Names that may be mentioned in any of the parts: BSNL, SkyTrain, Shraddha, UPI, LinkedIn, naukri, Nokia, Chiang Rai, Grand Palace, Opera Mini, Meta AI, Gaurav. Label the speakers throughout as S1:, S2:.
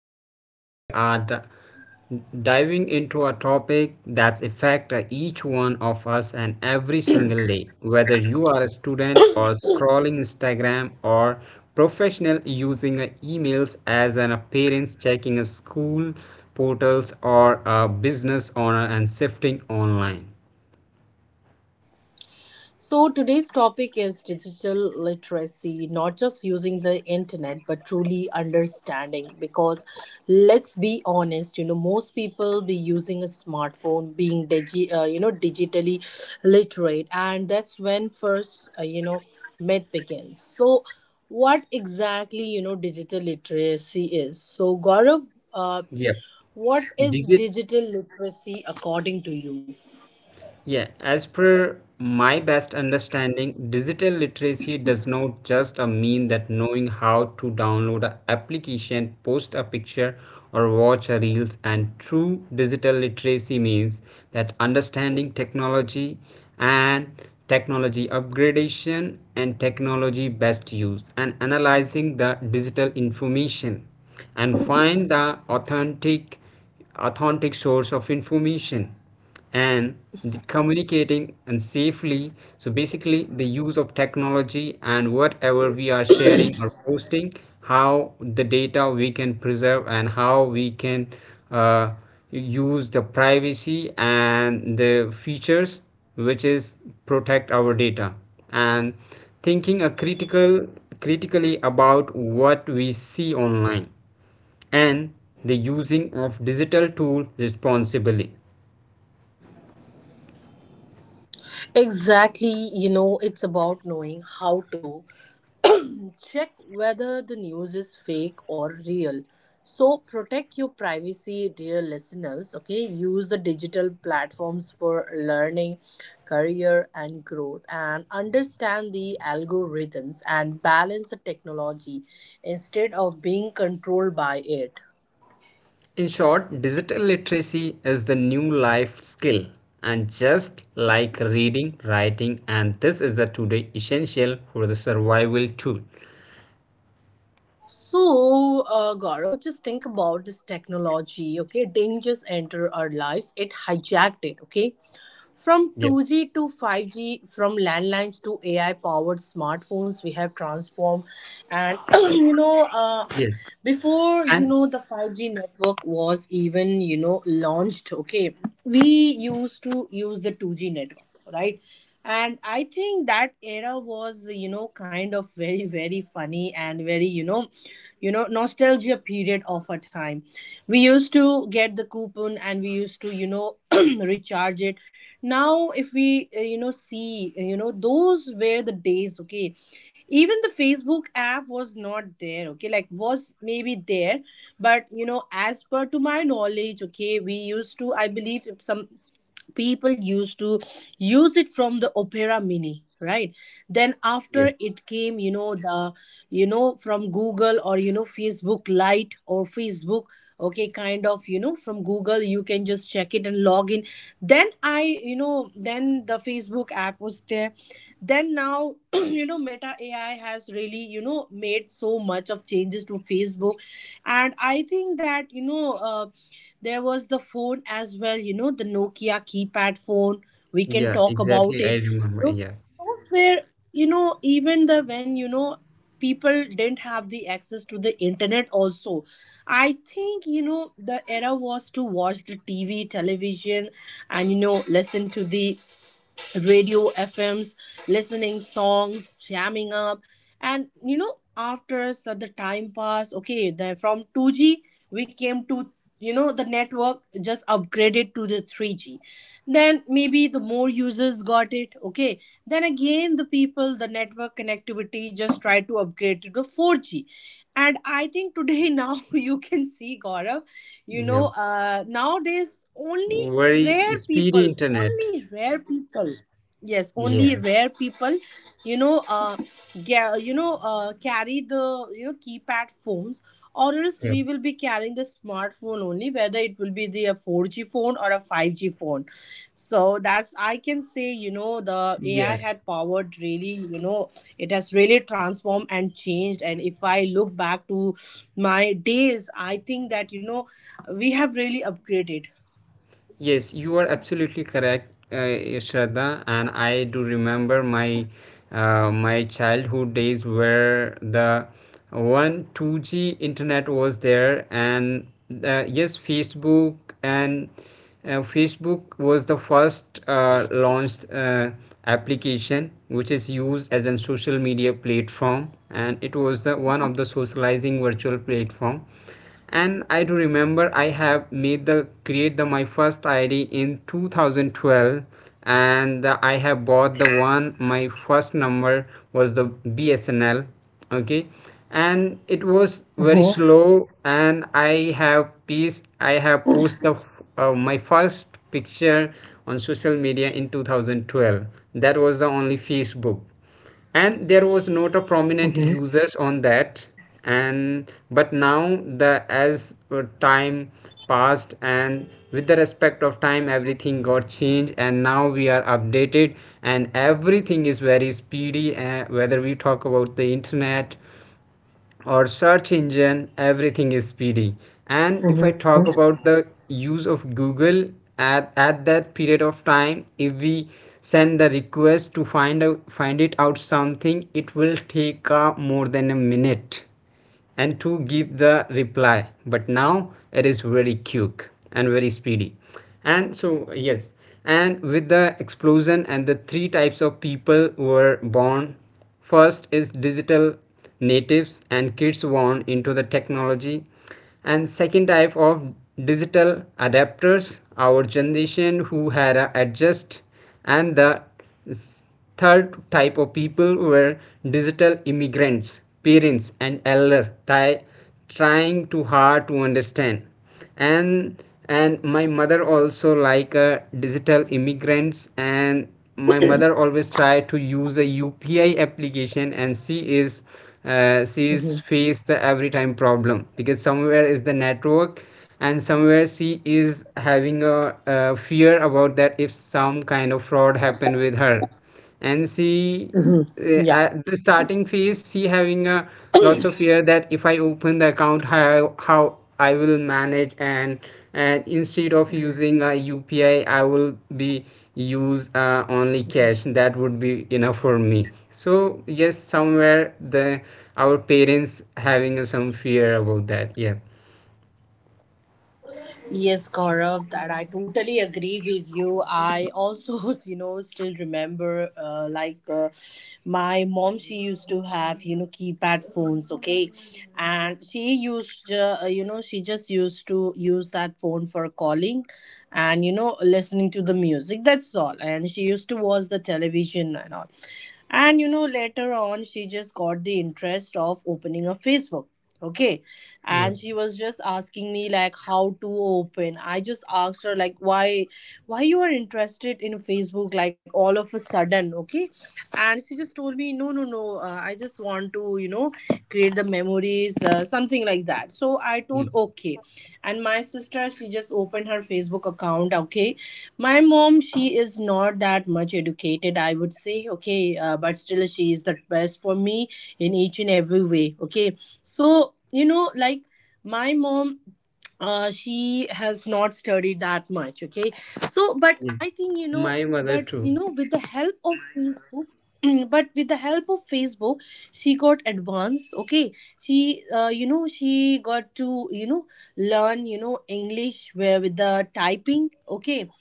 S1: and today we are diving into a topic that affects each one of us and every single day. Whether you are a student or scrolling Instagram or professional using emails as an appearance, checking a school portals or a business owner and shifting online.
S2: So, today's topic is digital literacy, not just using the internet, but truly understanding. Because let's be honest, most people be using a smartphone, being digitally literate, and that's when first, myth begins. So, what exactly, digital literacy is? So, Gaurav, uh,
S1: Yep.
S2: what is
S1: Digit
S2: digital literacy according to you?
S1: Yeah, as per my best understanding, digital literacy does not just mean that knowing how to download an application, post a picture, or watch a reels. And true digital literacy means that understanding technology and technology upgradation and technology best use, and analyzing the digital information, and find the authentic source of information and the communicating and safely, so basically the use of technology and whatever we are sharing or posting, how the data we can preserve and how we can uh, use the privacy and the features which is protect our data and thinking a critically about what we see online and the using of digital tool responsibly.
S2: Exactly, it's about knowing how to check whether the news is fake or real. So protect your privacy, dear listeners. Okay, use the digital platforms for learning, career, and growth, and understand the algorithms and balance the technology instead of being controlled by it.
S1: In short, digital literacy is the new life skill, and just like reading, writing, and this is the today essential for the survival tool.
S2: So, Gaurav, just think about this technology, okay? Dangers enter our lives, it hijacked it, okay? From
S1: Yeah.
S2: 2G to 5G, from landlines to AI powered smartphones, we have transformed. And, you know, uh,
S1: Yes.
S2: before,
S1: And
S2: the 5G network was even, launched, okay? We used to use the 2G network, right? And I think that era was, kind of very, very funny and very, nostalgia period of a time. We used to get the coupon and we used to, recharge it. Now if we, see, those were the days. Okay, even the Facebook app was not there, okay, like, was maybe there, but, as per to my knowledge, okay, we used to, I believe some people used to use it from the Opera Mini, right? Then after
S1: yes.
S2: it came, the, from Google or, Facebook Lite or Facebook. Okay, kind of, from Google you can just check it and log in. Then I then the Facebook app was there. Then now Meta AI has really, made so much of changes to Facebook. And I think that, there was the phone as well, the Nokia keypad phone. We can
S1: Yeah.
S2: talk about
S1: Exactly. I
S2: it. You
S1: remember.
S2: know,
S1: Yeah.
S2: those were, even the, when, people didn't have the access to the internet also. I think, the era was to watch the TV, television, and, listen to the radio FMs, listening songs, jamming up. And, after so, the time pass, okay, then from 2G we came to, the network just upgraded to the 3G. Then maybe the more users got it, okay. Then again the people, the network connectivity just tried to upgrade to the 4G. And I think today now you can see, Gaurav,
S1: Yeah.
S2: nowadays
S1: Very
S2: rare
S1: speedy
S2: people,
S1: internet.
S2: only rare people. Yes, only
S1: Yeah.
S2: rare people, you know uh carry the, keypad phones, or else
S1: Yeah.
S2: we will be carrying the smartphone only, whether it will be the a 4G phone or a 5G phone. So that's, I can say, the AI
S1: Yeah.
S2: had powered really, it has really transformed and changed. And if I look back to my days, I think that, we have really upgraded.
S1: Yes, you are absolutely correct, Shraddha, and I do remember my my childhood days where the one 2G internet was there, and yes, Facebook and Facebook was the first launched application which is used as a social media platform, and it was the one of the socializing virtual platform. And I do remember I have made the create the my first ID in 2012, and I have bought the one my first number was the BSNL. Okay, and it was very
S2: Mm-hmm.
S1: slow, and I have posted the my first picture on social media in 2012. That was the only Facebook, and there was not a prominent users on that. And but now, the, as time passed and with the respect of time, everything got changed and now we are updated, and everything is very speedy, whether we talk about the internet or search engine, everything is speedy. And if I
S2: Mm-hmm.
S1: talk about the use of Google, at that period of time, if we send the request to find it out something, it will take more than a minute and to give the reply. But now it is very quick and very speedy, and so yes. And with the explosion, and the three types of people were born. First is digital natives, and kids born into the technology. And second type of digital adapters, our generation who had a adjust. And the third type of people were digital immigrants, parents and elder trying too hard to understand. and and my mother also like digital immigrants, and my mother always try to use a UPI application, and she is
S2: Mm-hmm.
S1: face the every time problem because somewhere is the network, and somewhere she is having a fear about that if some kind of fraud happen with her. And she
S2: Mm-hmm.
S1: at the starting phase she having a lots of fear that if I open the account, how I will manage, and instead of using a UPI, I will be use only cash, that would be enough for me. So yes, somewhere the our parents having some fear about that. Yeah.
S2: Yes, Gaurav, that I totally agree with you. I also, still remember, like, my mom, she used to have, keypad phones, okay? And she just used to use that phone for calling and, listening to the music. That's all. And she used to watch the television and all. And, later on, she just got the interest of opening a Facebook. Okay,
S1: Yeah,
S2: and she was just asking me like how to open. I just asked her like, why you are interested in Facebook, like, all of a sudden, okay? And she just told me, no, no, no, I just want to, create the memories, something like that. So I
S1: yeah.
S2: told, okay. And my sister, she just opened her Facebook account, okay. My mom, she is not that much educated, I would say, okay, but still she is the best for me in each and every way, okay. So, like, my mom, she has not studied that much, okay. So but
S1: Yes,
S2: I think,
S1: my mother
S2: but
S1: too.
S2: you know with the help of facebook but with the help of Facebook, she got advanced, okay. She, she got to, learn, English where with the typing, okay.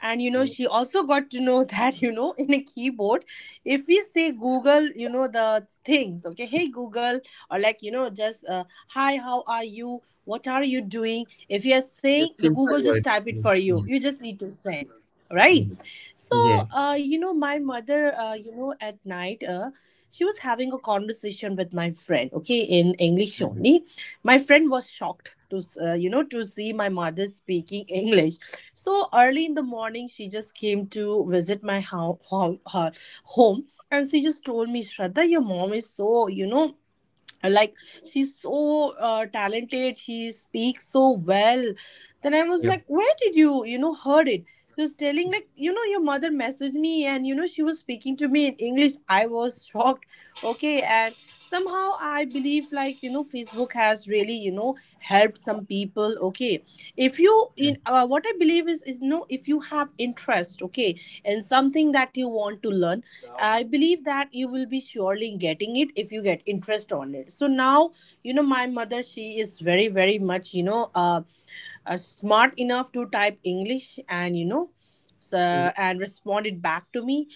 S2: And, she also got to know that, in a keyboard, if we say Google, the things, okay, hey Google, or like, just, hi, how are you, what are you doing, if you are
S1: Yes,
S2: saying, the
S1: simple
S2: Google just
S1: words.
S2: type it
S1: Yeah.
S2: for you
S1: Yeah.
S2: you just need to send, right? So,
S1: Yeah, yeah.
S2: my mother, at night, she was having a conversation with my friend, okay, in English
S1: Mhm.
S2: only. My friend was shocked to you know to see my mother speaking English. So early in the morning, she just came to visit my home, and she just told me, Shraddha, your mom is so, like, she's so, talented, she speaks so well. Then I was
S1: Yep.
S2: like, where did you, you know heard it? She was telling like, your mother messaged me, and, she was speaking to me in English. I was shocked, okay. And somehow I believe like, Facebook has really, helped some people, okay. If you in, what I believe is, if you have interest, okay, in something that you want to learn, I believe that you will be surely getting it if you get interest on it. So now, my mother, she is very, very much, smart enough to type English and, so,
S1: Yeah.
S2: and respond it back to me.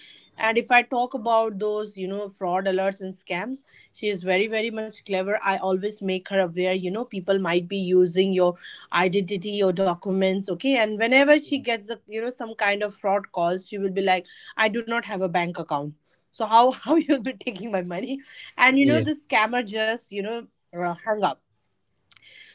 S2: And if I talk about those, fraud alerts and scams, she is very, very much clever. I always make her aware, people might be using your identity, your documents, okay? And whenever she gets, the, some kind of fraud calls, she will be like, I do not have a bank account, so how you'll be taking my money? And,
S1: Yeah,
S2: the scammer just, hung up.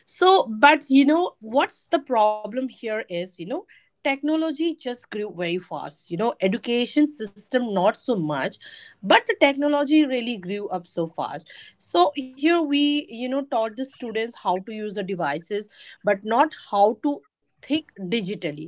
S2: So but, what's the problem here is, technology just grew very fast. You know education system not so much, but the technology really grew up so fast. So here we, taught the students how to use the devices, but not how to think digitally.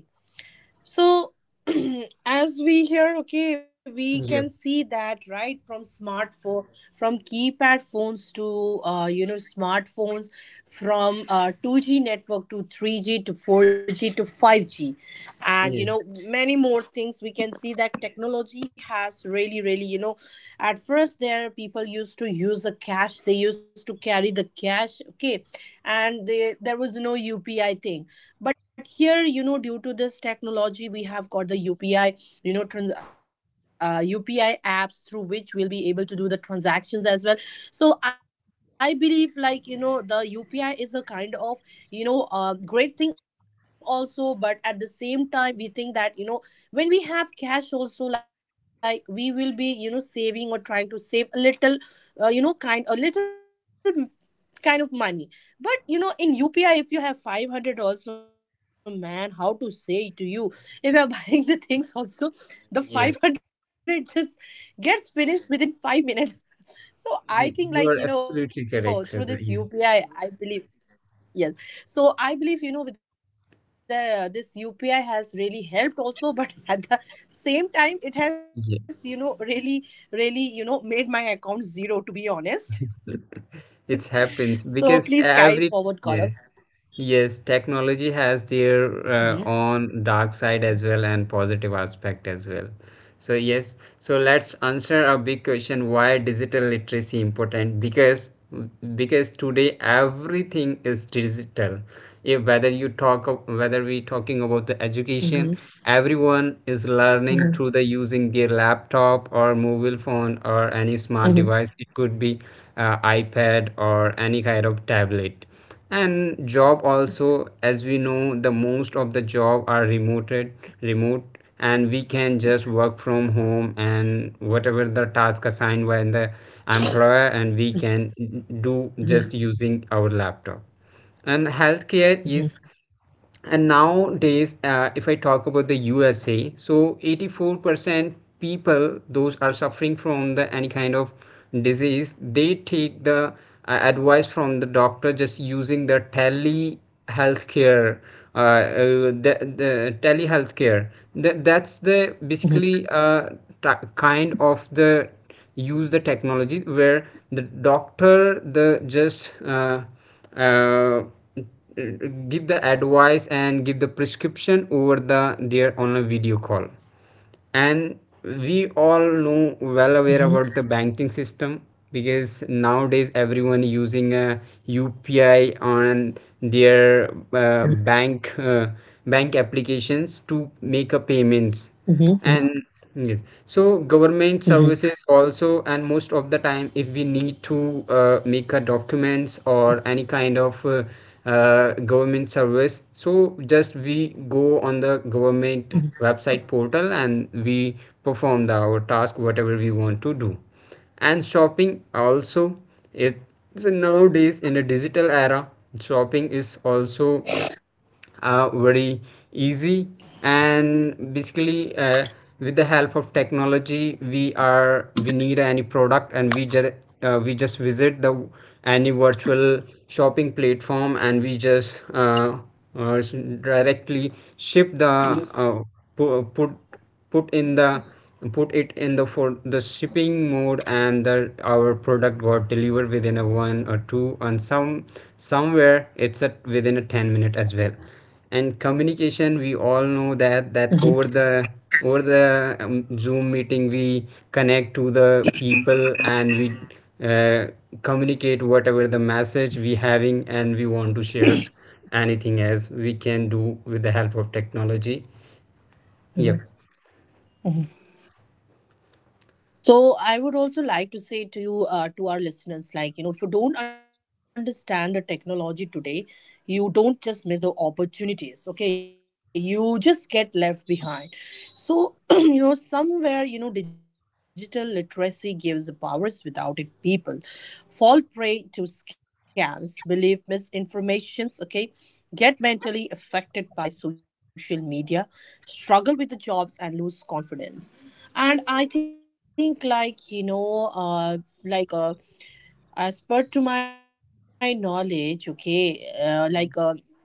S2: So, as we hear, okay, we can
S1: yeah,
S2: see that right from smartphone, from keypad phones to, smartphones, from 2G network to 3G to 4G to 5G, and,
S1: yes,
S2: many more things. We can see that technology has really, really, at first there, people used to use the cash, they used to carry the cash, okay. And they there was no UPI thing. But here, due to this technology, we have got the UPI, UPI apps through which we'll be able to do the transactions as well. So I believe like, the UPI is a kind of, great thing also. But at the same time, we think that, when we have cash also, like, we will be, saving or trying to save a little, you know kind a little kind of money. But, in UPI, if you have 500 also, man, how to say to you, if you are buying the things also,
S1: yeah,
S2: the 500 just gets finished within 5 minutes.
S1: yeah.
S2: So
S1: You
S2: I
S1: are
S2: think like,
S1: absolutely correct,
S2: through
S1: Shraddha.
S2: this
S1: Yes,
S2: UPI, I believe. Yes. So I believe, with the this UPI has really helped also, but at the same time, it
S1: yeah.
S2: has, really, really, made my account zero, to be honest.
S1: It happens
S2: So
S1: because
S2: please carry
S1: every
S2: forward,
S1: yeah.
S2: Gaurav.
S1: Yes, technology has their
S2: Hmm.
S1: own dark side as well and positive aspect as well. So yes, so let's
S2: Hmm.
S1: answer
S2: Yes,
S1: a big
S2: exactly.
S1: question, why digital literacy important? Because today everything is digital. If whether we talking about the education,
S2: Hmm.
S1: everyone is learning through the using their
S2: Hmm.
S1: laptop or mobile phone or any smart device. It
S2: Hmm.
S1: could be iPad or any kind of tablet. And job also, as we know, the most of the job are remote, and we can just work from home, and whatever the task assigned by the employer, and we can do
S2: Hmm.
S1: just using our laptop. And healthcare is, and
S2: Hmm.
S1: nowadays if I talk about the USA, so 84% people those are suffering from the any kind of disease, they take the advice from the doctor just using the tele healthcare, the telehealthcare. That's the basically uh,
S2: Hmm.
S1: kind of the use the technology where the doctor the just uh, give the advice and give the prescription over the there on a video call. And we all know well aware
S2: Hmm.
S1: about the banking system, because nowadays everyone using a UPI on their uh, bank uh, bank applications to make a payments. And
S2: Hmm.
S1: yes, so government
S2: Hmm.
S1: services also, and most of the time if we need to make a documents or any kind of government service, so just we go on the government website portal, and we perform our task whatever we want to do. And shopping also, it, so nowadays in a digital era, shopping is also very easy, and basically with the help of technology, we are we need any product and we just visit the any virtual shopping platform, and we just uh, s- directly ship the pu- put put in the put it in the for the shipping mode, and the our product got delivered within a one or two, and somewhere it's at within a 10-minute as well. And communication, we all know that that over the Zoom meeting we connect to the people, and we uh, communicate whatever the message we having and we want to share, anything else we can do with the help of technology. Yep.
S2: Hmm. Hmm. So I would also like to say to you, to our listeners, like, if you don't understand the technology today, you don't just miss the opportunities, okay? You just get left behind. So, somewhere, digital literacy gives the powers. Without it, people fall prey to scams, believe misinformations, okay? Get mentally affected by social media, struggle with the jobs, and lose confidence. And I think, like, you know, like as per to my knowledge, okay, like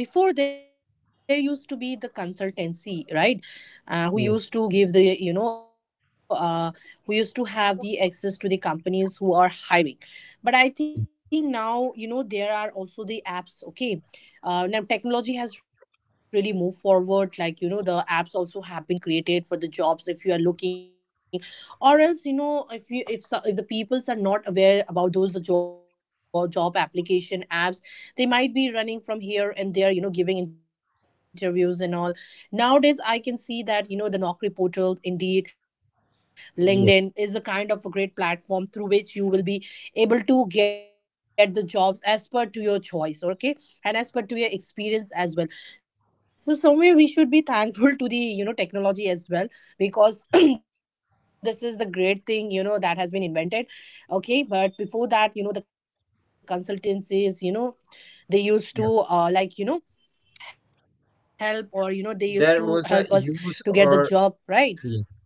S2: there before there used to be the consultancy, right?
S1: Yep.
S2: Who used to give the, you know, who used to have the access to the companies who are hiring, but I think now, you know, there are also the apps, okay. Now technology has really moved forward. Like, you know, the apps also have been created for the jobs, if you are looking, or else, you know, if you if so- if the peoples are not aware about those, the job application apps, they might be running from here and there, you know, giving interviews and all. Nowadays I can see that, you know, the Naukri portal, Indeed,
S1: Yeah,
S2: LinkedIn is a kind of a great platform through which you will be able to get the jobs as per to your choice, okay, and as per to your experience as well. So somewhere we should be thankful to the, you know, technology as well, because this is the great thing, you know, that has been invented, okay. But before that, you know, the consultancies, you know, they used
S1: yeah.
S2: to like, you know, help, or, you know, they used
S1: There
S2: to
S1: was a
S2: help us
S1: use
S2: to get
S1: or
S2: the job,
S1: being.
S2: right?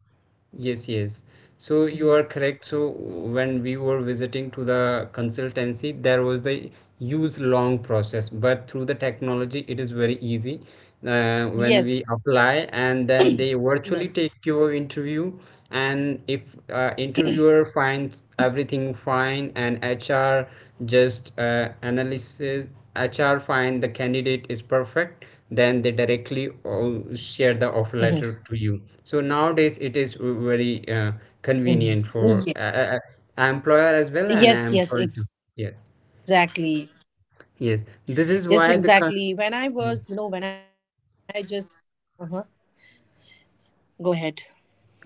S1: Yes, yes. So
S2: Hmm.
S1: you are correct. So when we were visiting to the consultancy, there was the use long process, but through the technology, it is very easy. When
S2: Yes,
S1: we apply, and then they virtually take
S2: yes.
S1: your interview, and if interviewer finds everything fine, and HR just analysis, HR find the candidate is perfect, then they directly share the offer letter
S2: Hmm.
S1: to you. So nowadays it is very
S2: Hmm.
S1: convenient for employer as well and employee too.
S2: Yes, yes,
S1: Yes,
S2: exactly.
S1: yes. This is
S2: Yes,
S1: why the co-
S2: exactly, when
S1: Yeah.
S2: I was, you know, when I just, uh-huh, go ahead.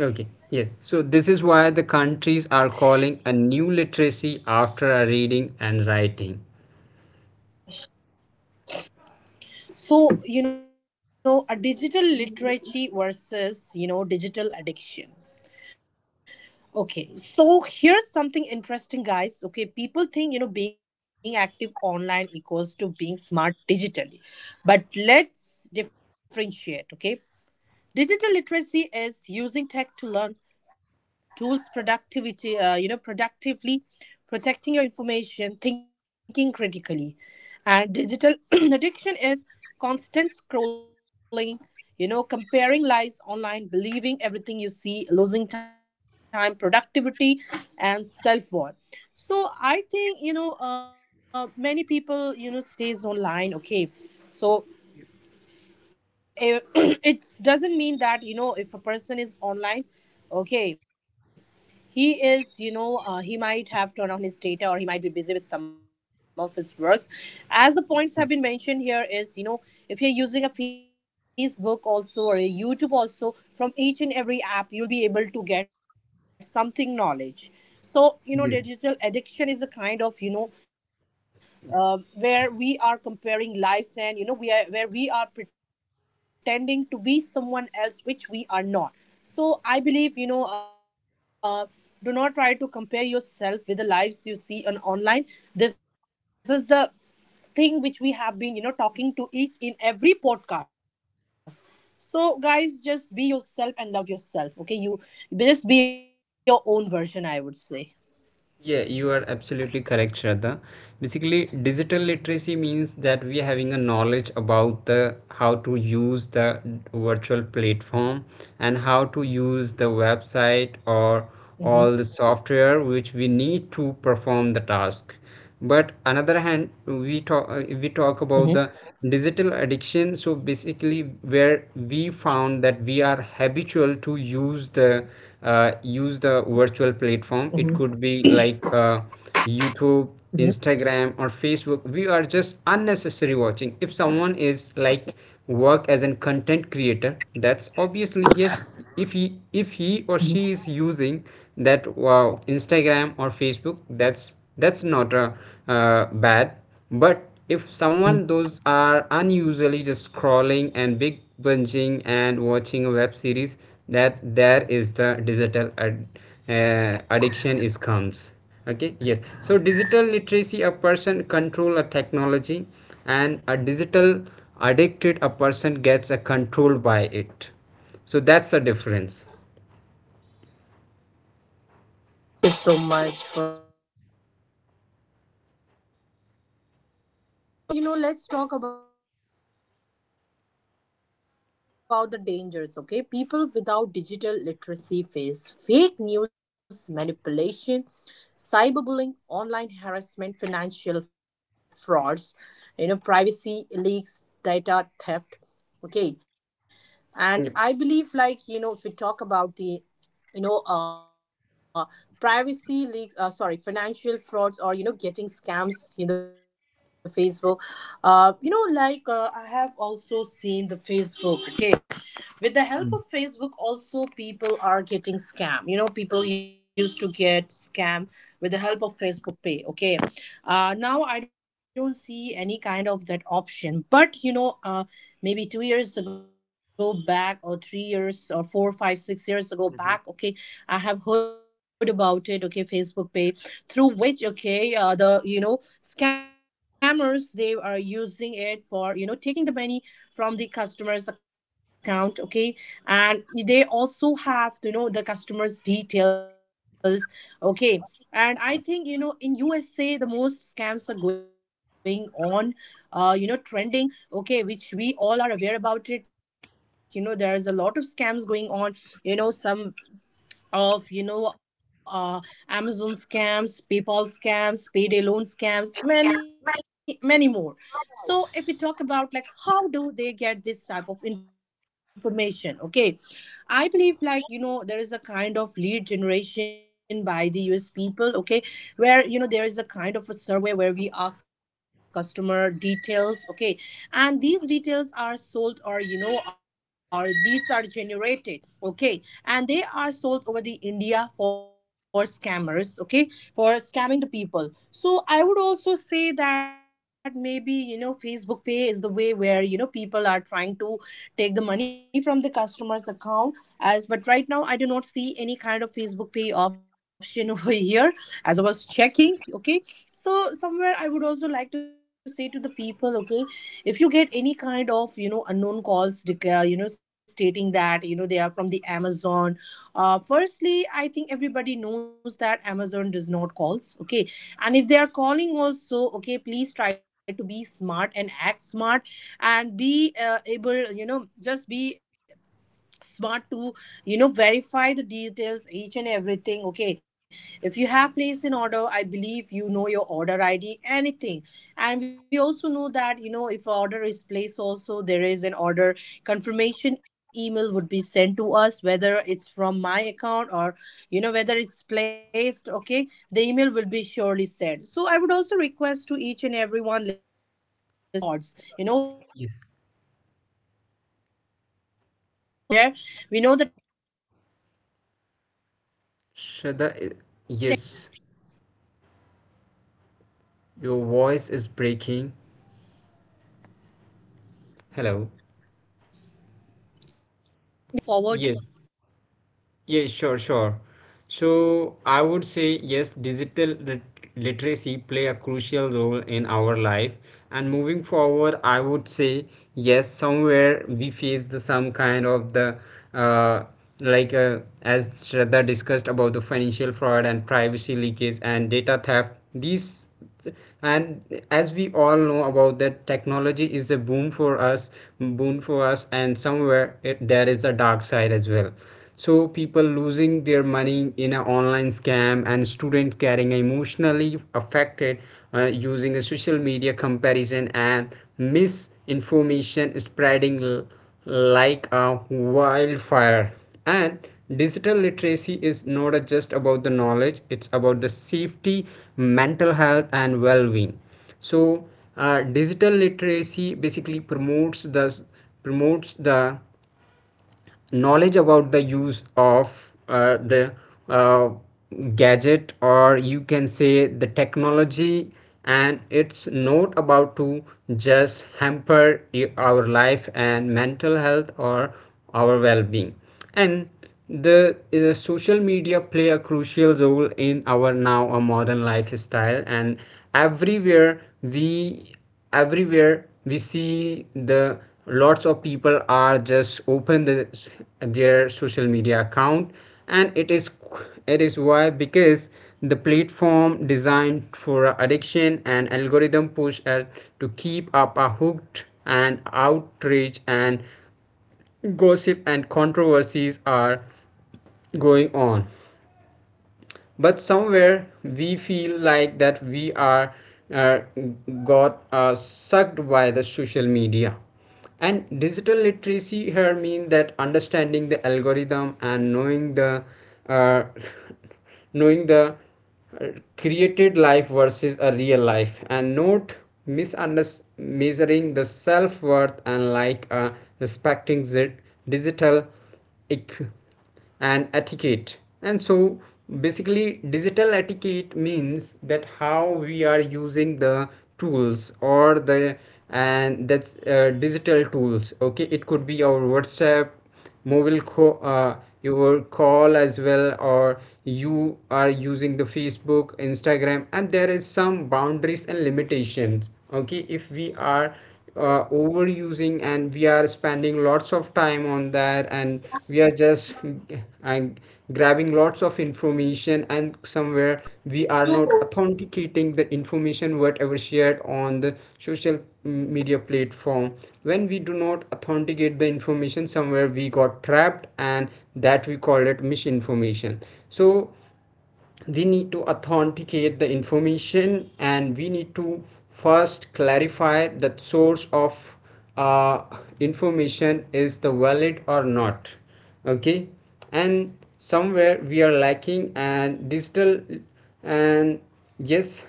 S1: Okay. Yes. So this is why the countries are calling a new literacy after a reading and writing.
S2: So, you know, a digital literacy versus, you know, digital addiction. Okay, so here's something interesting, guys. Okay, people think, you know, being active online equals to being smart digitally, but let's differentiate. Okay, digital literacy is using tech to learn tools productivity, you know, productively, protecting your information, thinking critically. And digital addiction is constant scrolling, you know, comparing lies online, believing everything you see, losing time, productivity, and self worth. So I think, you know, many people, you know, stays online. Okay, so it doesn't mean that, you know, if a person is online, okay, he is, you know, he might have turned on his data, or he might be busy with some of his works. As the points have been mentioned here is, you know, if you're using a Facebook also, or a YouTube also, from each and every app you'll be able to get something knowledge. So, you know, the digital addiction is a kind of, you know, where we are comparing lives, and, you know, we are where we are pretending to be someone else, which we are not. So I believe, you know, do not try to compare yourself with the lives you see on online. This is the thing which we have been, you know, talking to each in every podcast. So guys, just be yourself and love yourself, okay, you just be your own version, I would say.
S1: Yeah, you are absolutely correct, Shraddha. Basically, digital literacy means that we are having a knowledge about the how to use the virtual platform, and how to use the website or
S2: Mm-hmm.
S1: all the software which we need to perform the task. But another hand, we talk about the
S2: Mm-hmm.
S1: digital addiction. So basically, where we found that we are habitual to use the use the virtual platform. It could be like YouTube,
S2: Mm-hmm.
S1: Instagram, or Facebook, we are just unnecessary watching. If someone is like work as a content creator, that's obviously yes, if he or she is using
S2: Mm-hmm.
S1: that wow Instagram or Facebook, that's not a bad. But if someone those are unusually just
S2: Mm-hmm.
S1: scrolling and big binging and watching a web series, that there is the addiction is comes. Okay, yes. So digital literacy, a person control a technology, and a digital addicted, a person gets a controlled by it. So that's the difference.
S2: Uh, Thank you so much for sharing it, Gaurav. I Thank you so much. And, you know, let's talk about the dangers, okay? People without digital literacy face fake news, manipulation, cyberbullying, online harassment, financial frauds, you know, privacy leaks, data theft. Okay. And I
S1: Yep.
S2: believe, like, you know, if we talk about the, you know, privacy leaks, sorry, financial frauds, or, you know, getting scams in the Facebook, you know, like, I have also seen the Facebook, okay. With the help of
S1: Mm,
S2: Facebook also people are getting scam, you know, people used to get scam with the help of Facebook Pay, okay. Now I don't see any kind of that option, but, you know, maybe 2 years ago back, or 3 years, or 4, 5, 6 years ago
S1: mhm.
S2: back, okay. I have heard about it, okay, Facebook Pay, through which, okay, the, you know, scammers, they are using it for, you know, taking the money from the customer's account, okay. And they also have to know the customer's details, okay. And I think, you know, in USA the most scams are going on, you know, trending, okay, which we all are aware about it, you know, there is a lot of scams going on, you know, some of, you know, Amazon scams, PayPal scams, payday loan scams, many many more. So if we talk about like how do they get this type of information, okay, I believe, like, you know, there is a kind of lead generation by the US people, okay, where, you know, there is a kind of a survey where we ask customer details, okay, and these details are sold, or, you know, our leads are generated. Okay, and they are sold over the India for scammers, okay, for scamming the people. So I would also say that maybe, you know, Facebook Pay is the way where, you know, people are trying to take the money from the customer's account, as. But right now I do not see any kind of Facebook Pay option over here, as I was checking, okay. So somewhere I would also like to say to the people, okay, if you get any kind of, you know, unknown calls, you know, stating that, you know, they are from the Amazon, firstly I think everybody knows that Amazon does not calls, okay. And if they are calling also, okay, please try to be smart and act smart, and be, able, you know, just be smart to, you know, verify the details each and everything, okay. If you have placed an order, I believe, you know, your order ID anything. And we also know that, you know, if a order is placed also, there is an order confirmation email would be sent to us, whether it's from my account, or, you know, whether it's placed, okay, the email will be surely sent. So I would also request to each and everyone listening to us, kindly please be aware
S1: Yes.
S2: of such frauds, you know, online scams, do not trust anybody, just be aware. We know the
S1: Shada,
S2: technology has really
S1: yes,
S2: really upgraded, just be aware of it, guys.
S1: your voice is breaking. Hello.
S2: Yes, Gaurav, please carry forward.
S1: Yes.
S2: Go, carry forward,
S1: Yeah,
S2: Gaurav,
S1: sure,
S2: please move
S1: sure.
S2: forward.
S1: So I would say yes, digital lit literacy play a crucial role in our life. And moving forward, I would say yes, somewhere we face the some kind of the uh, like as Shraddha discussed about the financial fraud and privacy leakage and data theft. These, and as we all know about that technology is a boom for us boon for us, and somewhere there is a dark side as well. So people losing their money in an online scam, and students getting emotionally affected, uh, using a social media comparison, and misinformation spreading like a wildfire. And digital literacy is not just about the knowledge, it's about the safety, mental health and well-being. So digital literacy basically promotes the knowledge about the use of the uh, gadget, or you can say the technology, and it's not about to just hamper our life and mental health or our well-being. And the social media play a crucial role in our now a modern lifestyle, and everywhere we everywhere we see the lots of people are just open their social media account. And it is why, because the platform designed for addiction and algorithm push ad to keep up a hooked, and outrage and gossip and controversies are going on. But somewhere we feel like that we are uh, got sucked by the social media. And digital literacy here means that understanding the algorithm and knowing the uh, knowing the uh, created life versus a real life, and not misunderstanding measuring the self-worth, and like respecting the digital equ- and etiquette. And so basically digital etiquette means that how we are using the tools, or the, and that's digital tools. Okay, it could be our WhatsApp, mobile your call as well, or you are using the Facebook, Instagram, and there is some boundaries and limitations. Okay, if we are overusing, and we are spending lots of time on that, and we are just, and grabbing lots of information, and somewhere we are not authenticating the information whatever shared on the social media platform. When we do not authenticate the information, somewhere we got trapped, and that we call it misinformation. So we need to authenticate the information, and we need to first clarify that source of uh, information is the valid or not. Okay, and somewhere we are lacking, and digital, and yes,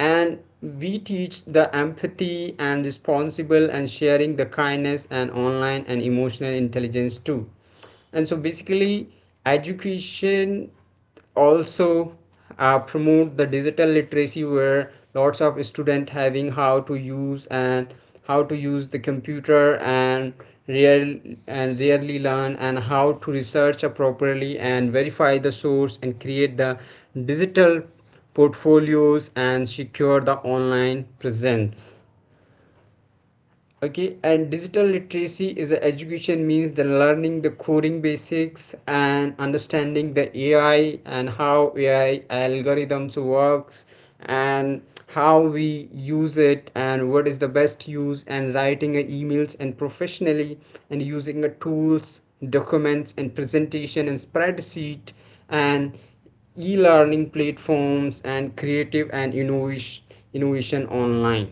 S1: and we teach the empathy and responsible and sharing the kindness and online, and emotional intelligence too. And so basically education also promote the digital literacy, where lots of students having how to use, and how to use the computer, and real, and really learn, and how to research properly and verify the source and create the digital portfolios and secure the online presence. Okay, and digital literacy is a education means the learning the coding basics and understanding the AI and how AI algorithms works, and how we use it and what is the best use, and writing a emails and professionally, and using the tools, documents and presentation and spreadsheet, and e-learning platforms, and creative and innovation online.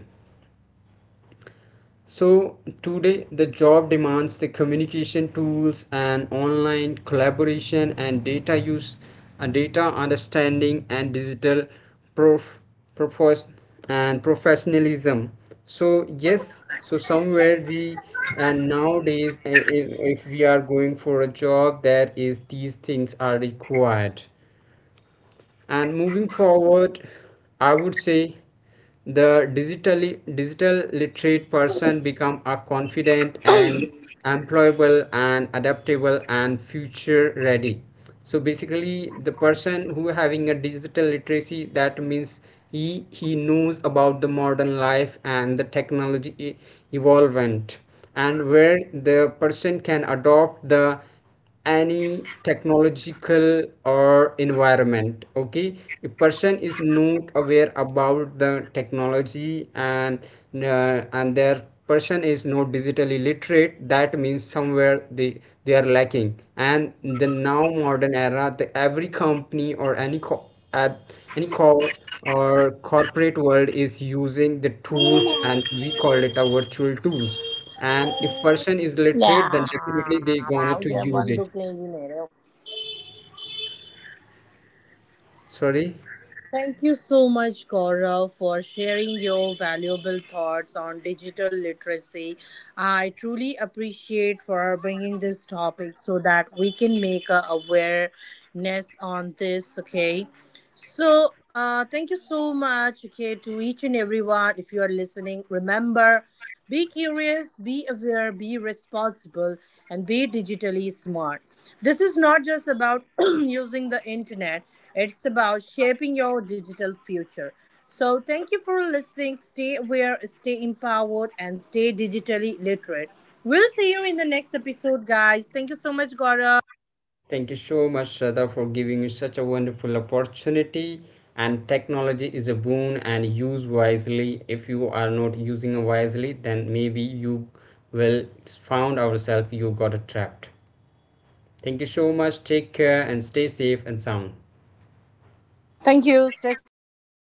S1: So today, the job demands the communication tools and online collaboration and data use and data understanding and digital prof, profos, and professionalism. So yes, so somewhere we, and nowadays, if we are going for a job, that is these things are required. And moving forward, I would say the digital literate person become a confident and employable and adaptable and future ready. So basically, the person who having a digital literacy, that means he knows about the modern life and the technology evolvement, and where the person can adopt the any technological or environment. Okay, a person is not aware about the technology, and their person is not digitally literate, that means somewhere they are lacking. And the now modern era, the every company or any at any core, our corporate world is using the tools, and we call it a virtual tools. And if person is literate, then definitely they gonna to use it. Sorry.
S3: Thank you so much, Gaurav, for sharing your valuable thoughts on digital literacy. I truly appreciate for bringing this topic so that we can make a awareness on this. Okay, so thank you so much. Okay, to each and everyone, if you are listening, remember. Be curious, be aware, be responsible, and be digitally smart. This is not just about using the internet, it's about shaping your digital future. So thank you for listening. Stay aware, stay empowered, and stay digitally literate. We'll see you in the next episode, guys. Thank you so much, Gaurav.
S1: Thank you so much, Shraddha, for giving me such a wonderful opportunity. And technology is a boon, and use wisely. If you are not using it wisely, then maybe you will found ourselves, you got trapped. Thank you so much, take care, and stay safe and sound.
S3: Thank you. Stay safe, guys.